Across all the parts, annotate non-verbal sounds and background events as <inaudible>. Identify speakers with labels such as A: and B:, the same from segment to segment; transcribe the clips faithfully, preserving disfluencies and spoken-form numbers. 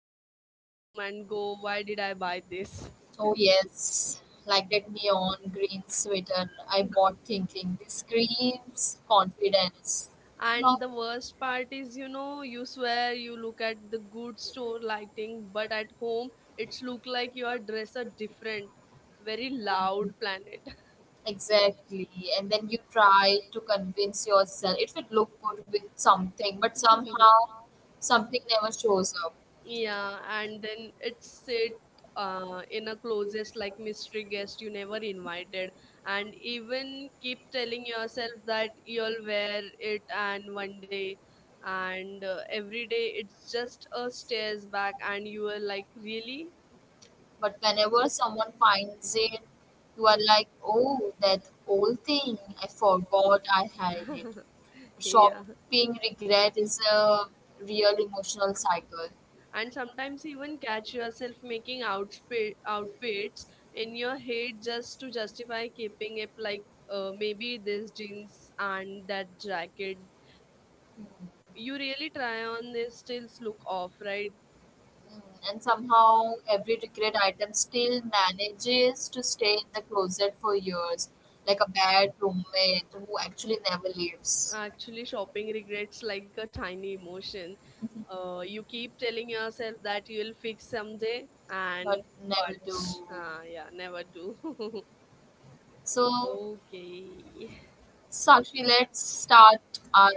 A: sit at home and go, why did I buy this?
B: Oh yes, like that neon green sweater I bought thinking this screams confidence. No,
A: And the worst part is, you know you swear you look at the good store lighting, but at home it's look like your dress a different very loud planet.
B: exactly. And then you try to convince yourself it would look good with something, but
A: <laughs>
B: somehow something never shows up.
A: Yeah, and then it's sit uh, in a closest like mystery guest you never invited, and even keep telling yourself that you'll wear it and one day, and uh, every day it's just a stairs back, and you are like really.
B: But whenever someone finds it, you are like, oh, that old thing, I forgot I had it.
A: Yeah,
B: Shopping regret is a real emotional cycle.
A: and sometimes even catch yourself making outfit outfits in your head just to justify keeping it, like uh, maybe this jeans and that jacket
B: Mm,
A: you really try on this stills look off, right?
B: mm. And somehow, every regret item still manages to stay in the closet for years, like a bad roommate who actually never leaves,
A: Actually shopping regrets like a tiny emotion, uh, you keep telling yourself that you'll fix someday
B: but
A: and
B: never do.
A: but uh, yeah never do.
B: So,
A: <laughs> Okay,
B: So actually, let's start our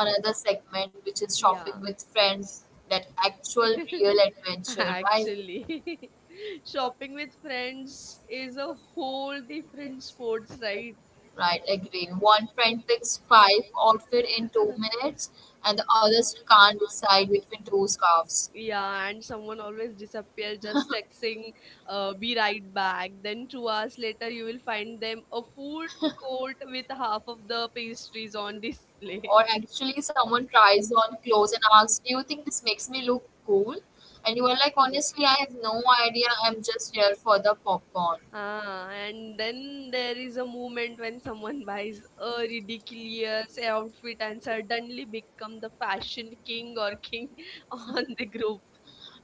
B: another segment, which is
A: yeah.
B: shopping with friends. That actual real
A: <laughs>
B: adventure, right?
A: Actually <laughs> shopping with friends is a whole different sports, right?
B: Right, agree. One friend picks five outfit in two
A: <laughs>
B: minutes, and the others can't decide between two scarves.
A: Yeah, and someone always disappear just texting, uh, be right back. Then two hours later, you will find them a food court with
B: <laughs>
A: half of the pastries on display.
B: Or actually someone tries on clothes and asks, "Do you think this makes me look cool?" And you are like,
A: <laughs>
B: "Honestly, I have no idea. I'm just here for the popcorn."
A: Ah, and then there is a moment when someone buys a ridiculous outfit and suddenly become the fashion king or king <laughs> on the group.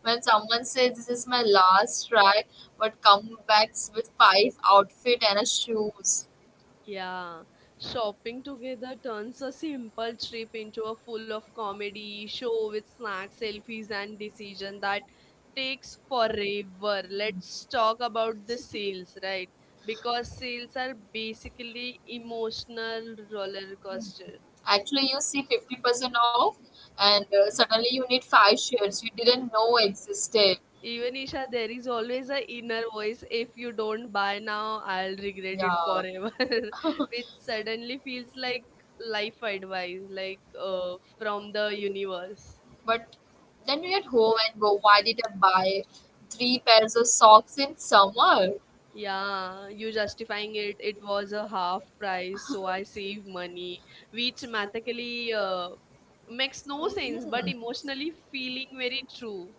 B: When someone says, "This is my last try," but come back with five outfit and a shoes,
A: Yeah, shopping together turns a simple trip into a full of comedy, show with snacks, selfies, and decision that takes forever. Let's talk about the sales, right? Because sales are basically emotional roller coaster.
B: actually you see fifty percent off, and uh, suddenly you need five shirts you didn't know existed.
A: Even Isha, there is always a inner voice. If you don't buy now, I'll regret it
B: Yeah.
A: forever. <laughs>
B: <laughs>
A: Which suddenly feels like life advice, like uh, from the universe.
B: But then you get home and go, why did I buy three pairs of socks in summer?
A: Yeah, you justifying it. It was a half price, so I save money, which mathematically uh, makes no sense, but
B: Mhm.
A: emotionally feeling very true.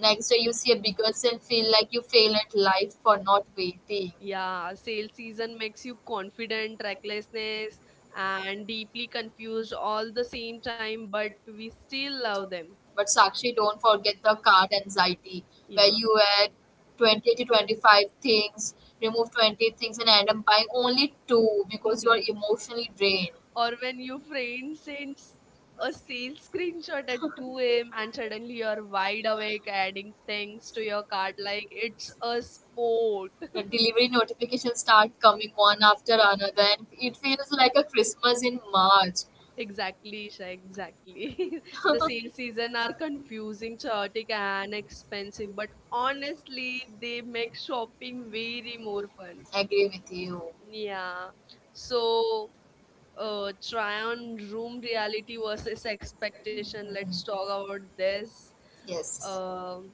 B: Next day you see a bigger and feel like you fail at life for not waiting.
A: Yeah, sale season makes you confident, recklessness, and deeply confused all the same time, but we still love them.
B: But Sakshi, don't forget the card anxiety, where
A: Yeah.
B: you add twenty to twenty-five things, remove twenty things, and end up buying only two because you are
A: <laughs>
B: emotionally drained.
A: Or when your friend sends a sales screenshot at two a m and suddenly you're wide awake adding things to your cart like it's a sport.
B: The delivery notifications start coming one after another, and it feels like a Christmas in March.
A: Exactly, Isha, exactly. <laughs> The sale season are confusing, chaotic, and expensive, but honestly, they make shopping very more fun.
B: Agree with you.
A: Yeah. So, uh, try on room reality versus expectation. Let's talk about this.
B: Yes.
A: Um,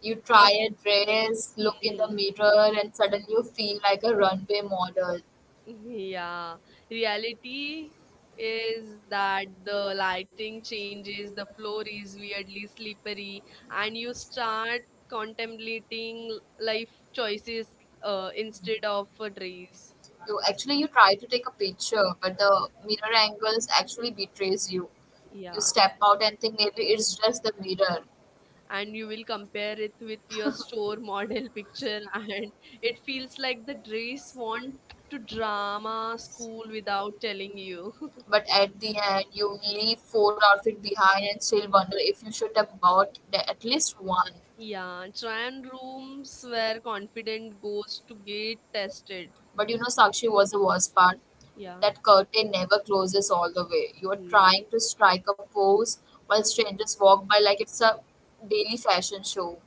B: You try
A: ab-
B: a dress, look in the
A: Hmm.
B: mirror, and suddenly you feel like a runway model.
A: Yeah. Reality is that the lighting changes, the floor is weirdly slippery, and you start contemplating life choices uh, instead of a dreams.
B: You actually you try to take a picture, but the mirror angles actually betrays you. You
A: Yeah.
B: step out and think maybe it's just the mirror.
A: And you will compare it with your store model <laughs> picture, and it feels like the dress want to drama school without telling you.
B: But at the end, you leave four outfits behind and still wonder if you should have bought the- at least one.
A: Yeah, Tran rooms where confident goes to get tested.
B: But you know, Sakshi was the worst part.
A: Yeah.
B: That curtain never closes all the way. You are
A: Hmm.
B: trying to strike a pose while strangers walk by like it's a daily fashion show.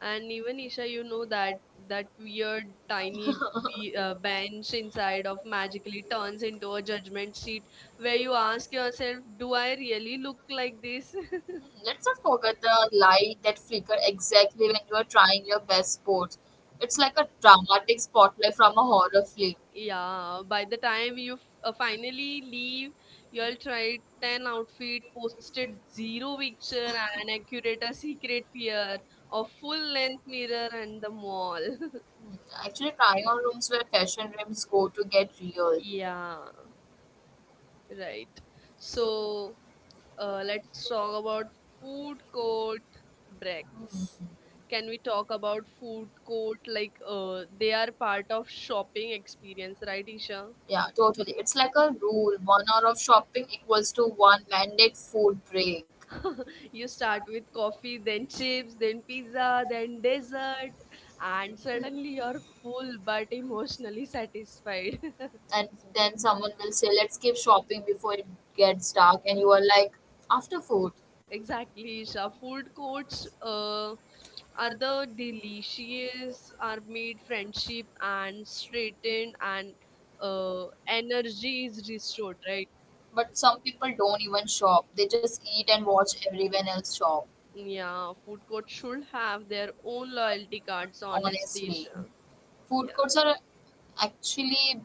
A: And even Isha, you know that that weird tiny be- uh, bench inside of magically turns into a
B: <laughs>
A: judgment sheet where you ask yourself, do I really look like this?
B: Mm, Let's not forget the light that flicker exactly when you are trying your best sports. It's like a dramatic spotlight from a horror film.
A: Yeah, by the time you f- uh, finally leave, you'll try ten outfit, posted zero picture and accurate a secret fear of full length mirror and the mall. <laughs>
B: Mm, Actually, trying on rooms where fashion rooms go to get real. Mm,
A: Yeah, right. So, uh, let's talk about food court breaks. Can we talk about food court, like uh, they are part of shopping experience, right, Isha?
B: Yeah, totally. It's like a rule. One hour of shopping equals to one mandate food break.
A: <laughs> You start with coffee, then chips, then pizza, then dessert, and suddenly you're full but emotionally satisfied.
B: And then someone will say, let's keep shopping before it gets dark, and you are like after food.
A: <laughs> Exactly, Isha. Food courts uh, are the delicious, are made friendship and straightened, and uh, energy is restored, right?
B: But some people don't even shop, they just eat and watch everyone else shop.
A: Yeah, food courts should have their own loyalty cards, honestly,
B: Honestly,
A: Isha.
B: food
A: Yeah,
B: courts are actually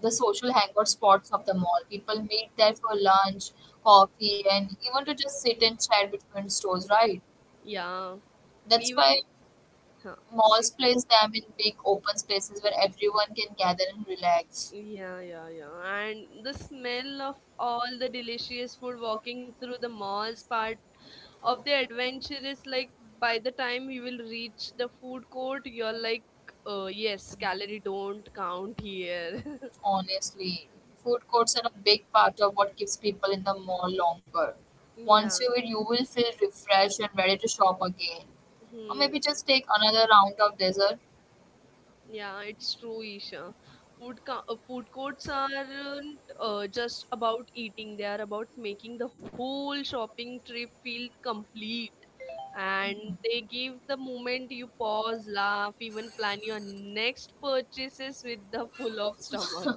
B: the social hangout spots of the mall. People meet there for lunch, coffee, and even to just sit and chat between stores, right?
A: yeah.
B: That's why
A: Even, huh,
B: malls
A: see.
B: place them in big open spaces where everyone can gather and relax.
A: Yeah, yeah, yeah. And the smell of all the delicious food walking through the malls part of the adventure is like by the time you will reach the food court, you're like, uh, yes, calorie don't count here. <laughs>
B: Honestly, food courts are a big part of what keeps people in the mall longer.
A: Yeah,
B: Once you eat, you will feel refreshed and ready to shop again. Or
A: hmm.
B: maybe just take another round of dessert.
A: Yeah, it's true, Isha. Food co- uh, food courts aren't uh, just about eating; they are about making the whole shopping trip feel complete. And they give the moment you pause, laugh, even plan your next purchases with the full of stomach.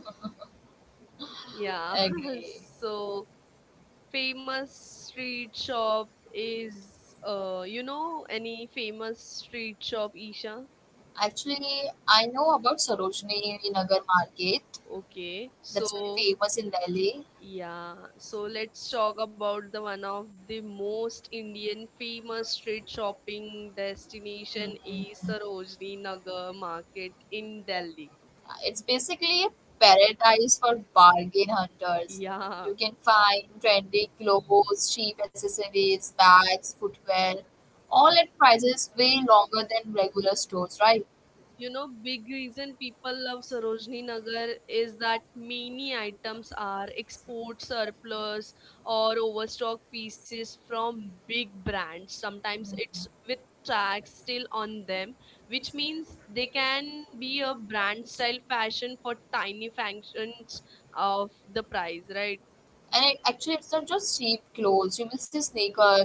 A: Yeah, <laughs>
B: Agree.
A: so famous street shop is uh you know any famous street shop, Isha?
B: Actually, I know about Sarojini Nagar Market.
A: Okay,
B: That's very
A: so
B: famous in Delhi.
A: yeah, so let's talk about the one of the most Indian famous street shopping destination is Sarojini Nagar Market in Delhi.
B: It's basically a paradise for bargain hunters.
A: Yeah.
B: You can find trendy clothes, cheap accessories, bags, footwear, all at prices way longer than regular stores, right?
A: You know, big reason people love Sarojini Nagar is that many items are export surplus or overstock pieces from big brands. Sometimes it's with tags still on them, which means they can be a brand style fashion for tiny functions of the price, right?
B: And it, actually, it's not just cheap clothes. You will see sneakers,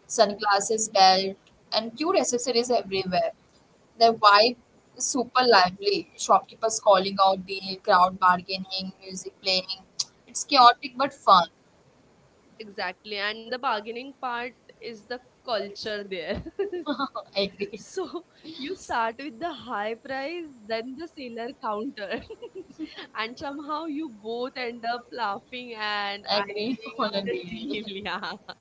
B: sunglasses, belt, and cute accessories everywhere. The vibe is super lively. Shopkeepers calling out deal, crowd bargaining, music playing. It's chaotic but fun.
A: Exactly. And the bargaining part is the culture there. <laughs>
B: <laughs> I agree.
A: So you start with the high price, then the seller counter, and somehow you both end up laughing and
B: Agree. <laughs>
A: agreeing
B: On a
A: on a
B: daily.
A: deal. <laughs> Yeah,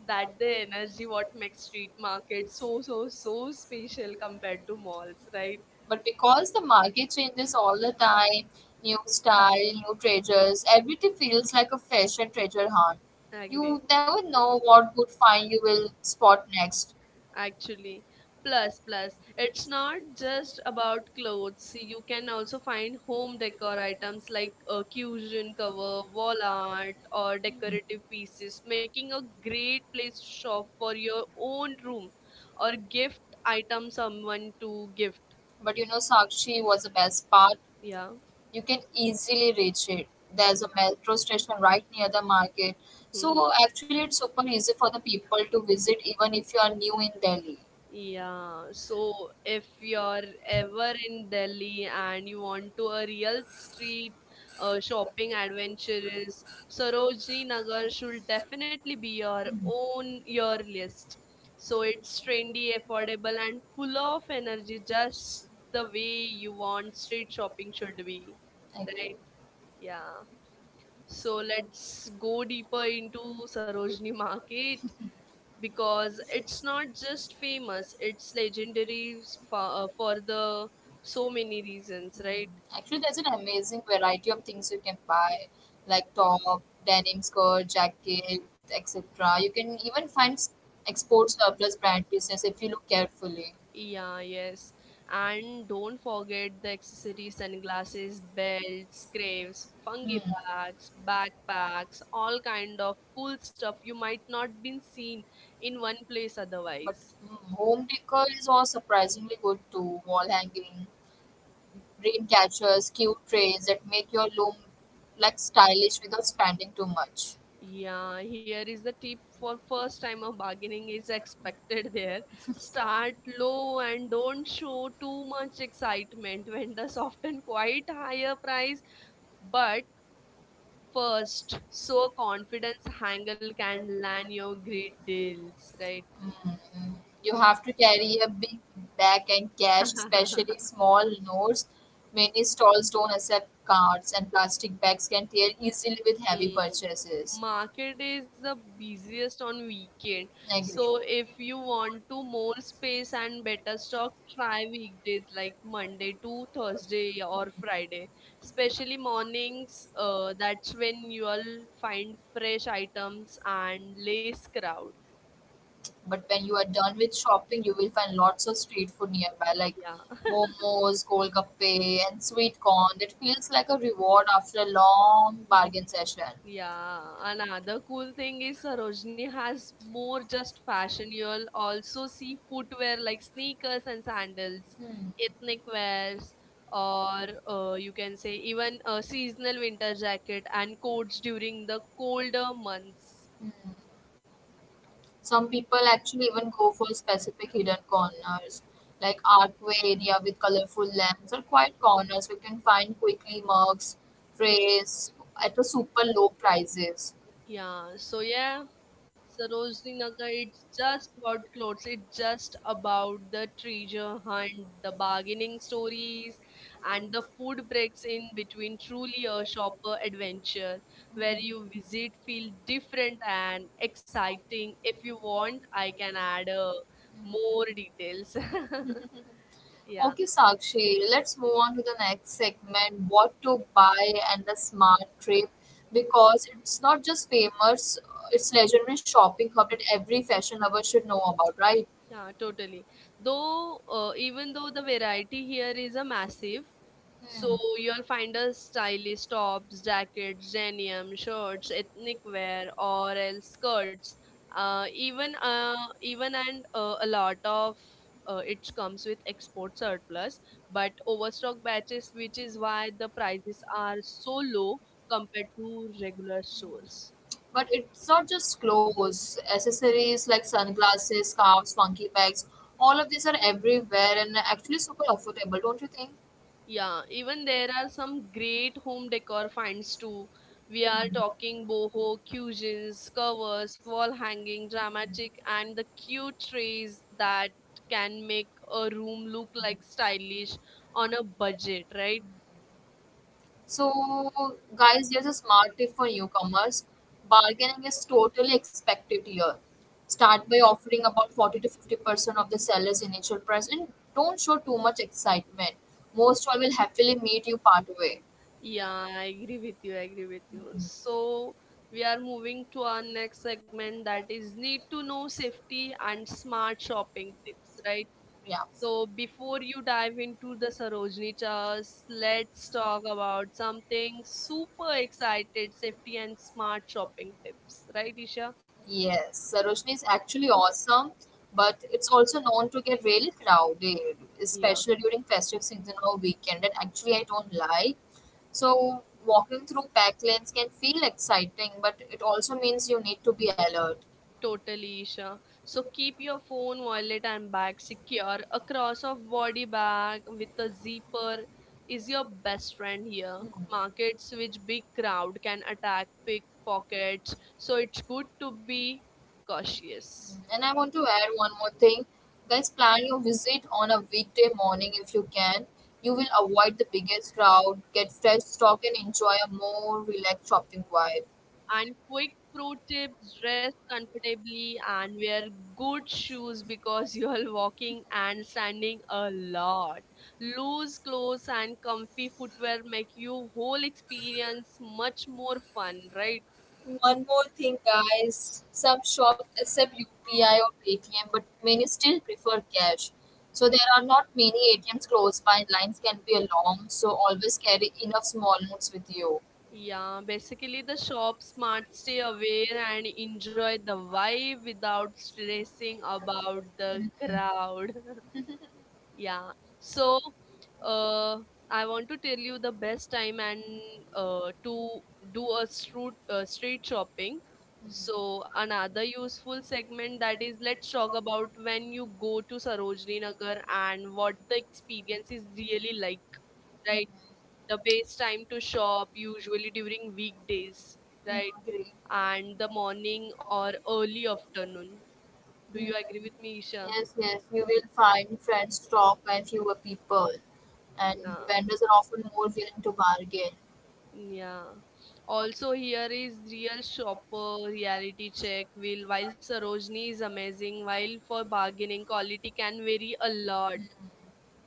A: that the energy what makes street market so so so special compared to malls, right?
B: But because the market changes all the time, new style, new treasures, everything feels like a fashion treasure hunt.
A: Agree.
B: You never know what good find you will spot next.
A: Actually, plus plus it's not just about clothes. You can also find home decor items like a cushion cover, wall art, or decorative pieces, making a great place to shop for your own room or gift item someone to gift.
B: But you know, Sakshi was the best part.
A: Yeah,
B: You can easily reach it. There's a metro station right near the market.
A: yeah.
B: So actually, it's super easy for the people to visit, even if you are new in Delhi.
A: Yeah, so if you're ever in Delhi and you want to a real street uh, shopping adventure is Sarojini Nagar should definitely be your own your list. So it's trendy, affordable and full of energy just the way you want street shopping should be.
B: Okay.
A: Right? Yeah. So let's go deeper into Sarojini Market because it's not just famous, it's
B: <laughs>
A: legendary for, uh, for the so many reasons, right?
B: Actually, there's an amazing variety of things you can buy, like top, denim skirt, jacket, et cetera. You can even find s- export surplus brand pieces if you look carefully.
A: Yeah, yes. And don't forget the accessories, sunglasses, belts, craves fungi
B: Hmm.
A: bags, backpacks, all kind of cool stuff you might not been seen in one place
B: But
A: otherwise.
B: mm, home decor is all surprisingly good too. Wall hanging, dream catchers, cute trays that make your room like stylish without spending too much.
A: Yeah, here is the tip for first timer: bargaining is expected there. Start low and don't show too much excitement. Vendors often quite higher price, but first, so confidence angle can land your great deals, right?
B: Mm. You have to carry a big bag and cash,
A: <laughs>
B: especially small notes. Many stalls don't accept cards, and plastic bags can tear easily with heavy
A: Hmm.
B: purchases.
A: Market is the busiest on weekend.
B: Agree.
A: So if you want to more space and better stock, try weekdays like Monday to Thursday or Friday. Especially mornings, uh, that's when you'll find fresh items and less crowd.
B: But when you are done with shopping, you will find lots of street food nearby, like
A: Yeah.
B: momos, golgappe, and sweet corn. That feels like a reward after a long
A: <laughs>
B: bargain session.
A: Yeah, another cool thing is Sarojini has more just fashion. You'll also see footwear like sneakers and sandals, ethnic wears, or uh, you can say even a seasonal winter jacket and coats during the colder months.
B: Some people actually even go for specific hidden corners, like
A: Yeah.
B: archway area with colorful lamps or quiet corners we can find quickly mugs, trays at a super low prices.
A: Yeah, so yeah, Sarojini Nagar, it's just about clothes. It's just about the treasure hunt, the bargaining stories, and the food breaks in between. Truly a shopper adventure where you visit feel different and exciting. If you want, I can add uh, more details.
B: Mm-hmm.
A: <laughs> Yeah,
B: Okay, Sakshi, let's move on to the next segment, what to buy and the smart trip, because it's not just famous, uh, it's legendary shopping hub that every fashion lover should know about, right?
A: yeah, totally. Though, uh, even though the variety here is a massive, so you'll find us stylish tops, jackets, denim, shirts, ethnic wear, or else skirts. Uh, even uh, even and uh, A lot of uh, it
B: Hmm.
A: comes with export surplus, but overstock batches, which is why the prices are so low compared to regular stores.
B: But it's not just clothes, accessories like sunglasses, scarves, funky bags. All of these are everywhere and actually super affordable, don't you think?
A: Yeah, even there are some great home decor finds too. We are talking boho, cushions, covers, wall hanging, dramatic, and the cute trays that can make a room look like stylish on a budget, right?
B: So, guys, there's a smart tip for newcomers. Bargaining is totally expected here. Start by offering about forty to fifty percent of the seller's initial price and don't show too much excitement. Most all will happily meet you part way.
A: Yeah, I agree with you. I agree with you. So we are moving to our next segment that is need to know safety and smart shopping tips, right?
B: Yeah.
A: So before you dive into the Sarojini Chars, let's talk about something super excited safety and smart shopping tips, right, Isha?
B: Yes, Sarojini is actually awesome, but it's also known to get really crowded,
A: Yeah,
B: especially during festive season or weekend. And actually, I don't like. So walking through packed lanes can feel exciting, but it also means you need to be alert.
A: totally, Isha. So keep your phone, wallet, and bag secure. A cross of body bag with a zipper is your best friend here.
B: Hmm.
A: Markets which big crowd can attack pickpockets, so it's good to be cautious.
B: And I want to add one more thing. Guys, plan your visit on a weekday morning if you can. You will avoid the biggest crowd, get fresh stock, and enjoy a more relaxed shopping vibe.
A: And quick pro tips: dress comfortably and wear good shoes because <laughs> you are walking and standing a lot. Loose clothes and comfy footwear make your whole experience much more fun, right?
B: One more thing, guys. Some shops accept U P I or Paytm, but many still prefer cash. So there are not many A T Ms close by, and lines can be long. So always carry enough small notes with you.
A: Yeah, basically the shop smart stay aware and enjoy the vibe without stressing about the crowd. <laughs> Yeah. So, uh, I want to tell you the best time and uh, to do a street uh, street shopping. So another useful segment that is let's talk about when you go to Sarojini Nagar and what the experience is really like, right? The best time to shop usually during weekdays, right?
B: Agree.
A: And the morning or early afternoon. Do
B: Mm.
A: you agree with me, Isha?
B: Yes, yes, you will find friends talk and fewer people, and
A: Yeah.
B: vendors are often more willing to bargain.
A: Yeah. Also, here is real shopper reality check. Will while Sarojini is amazing, while for bargaining quality can vary a lot.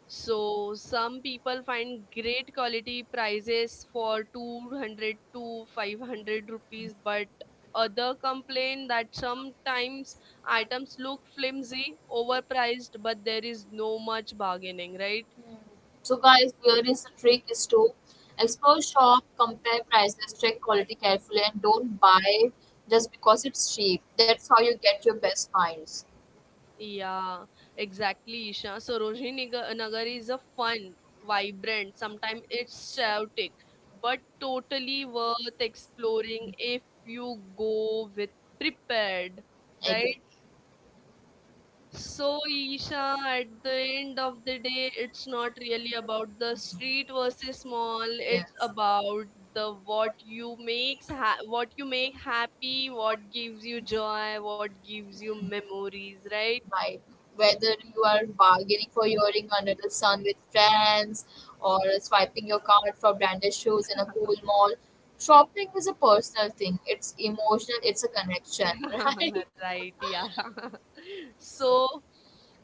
A: So some people find great quality prices for two hundred to five hundred rupees, but other complain that sometimes items look flimsy, overpriced, but there is no much bargaining, right?
B: So guys, here is the trick is to explore shop, compare prices, check quality carefully, and don't buy just because it's cheap. That's how you get your best finds.
A: Yeah, exactly, Isha. So Roshni Nag- Nagar is a fun, vibrant, sometimes it's chaotic, but totally worth exploring if you go with prepared,
B: Agree.
A: right? So Isha, at the end of the day, it's not really about the street versus mall. It's
B: Yes.
A: about the what you makes ha- what you make happy, what gives you joy, what gives you memories, right?
B: Right. Whether you are bargaining for earring under the sun with friends or swiping your card for branded shoes in a cool mall, shopping is a personal thing. It's emotional, it's a connection, <laughs> right?
A: <laughs> Right, yeah. <laughs> So,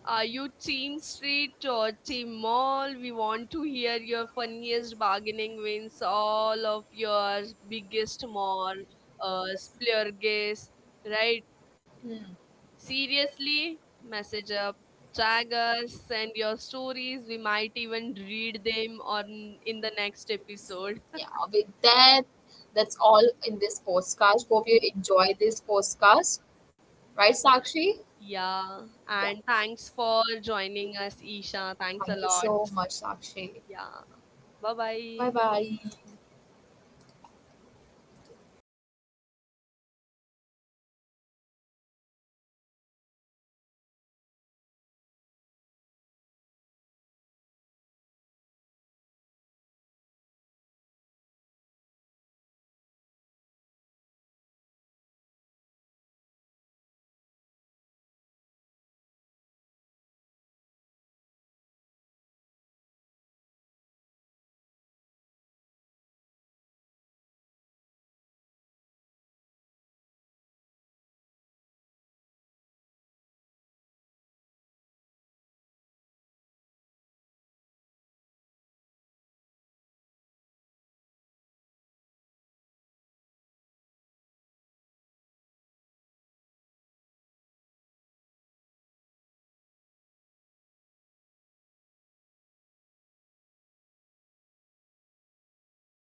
A: are you team street or team mall? We want to hear your funniest bargaining wins, all of your biggest mall, uh, splurges, right?
B: Hmm.
A: Seriously, message up, tag us, send your stories. We might even read them on in the next episode.
B: Yeah, with that, that's all in this podcast. Hope you enjoy this podcast. Right, Sakshi?
A: Yeah,
B: Yeah.
A: and thanks for joining us, Isha. Thanks a
B: Thank you
A: lot.
B: so much, Sakshi.
A: Yeah, bye bye.
B: Bye bye.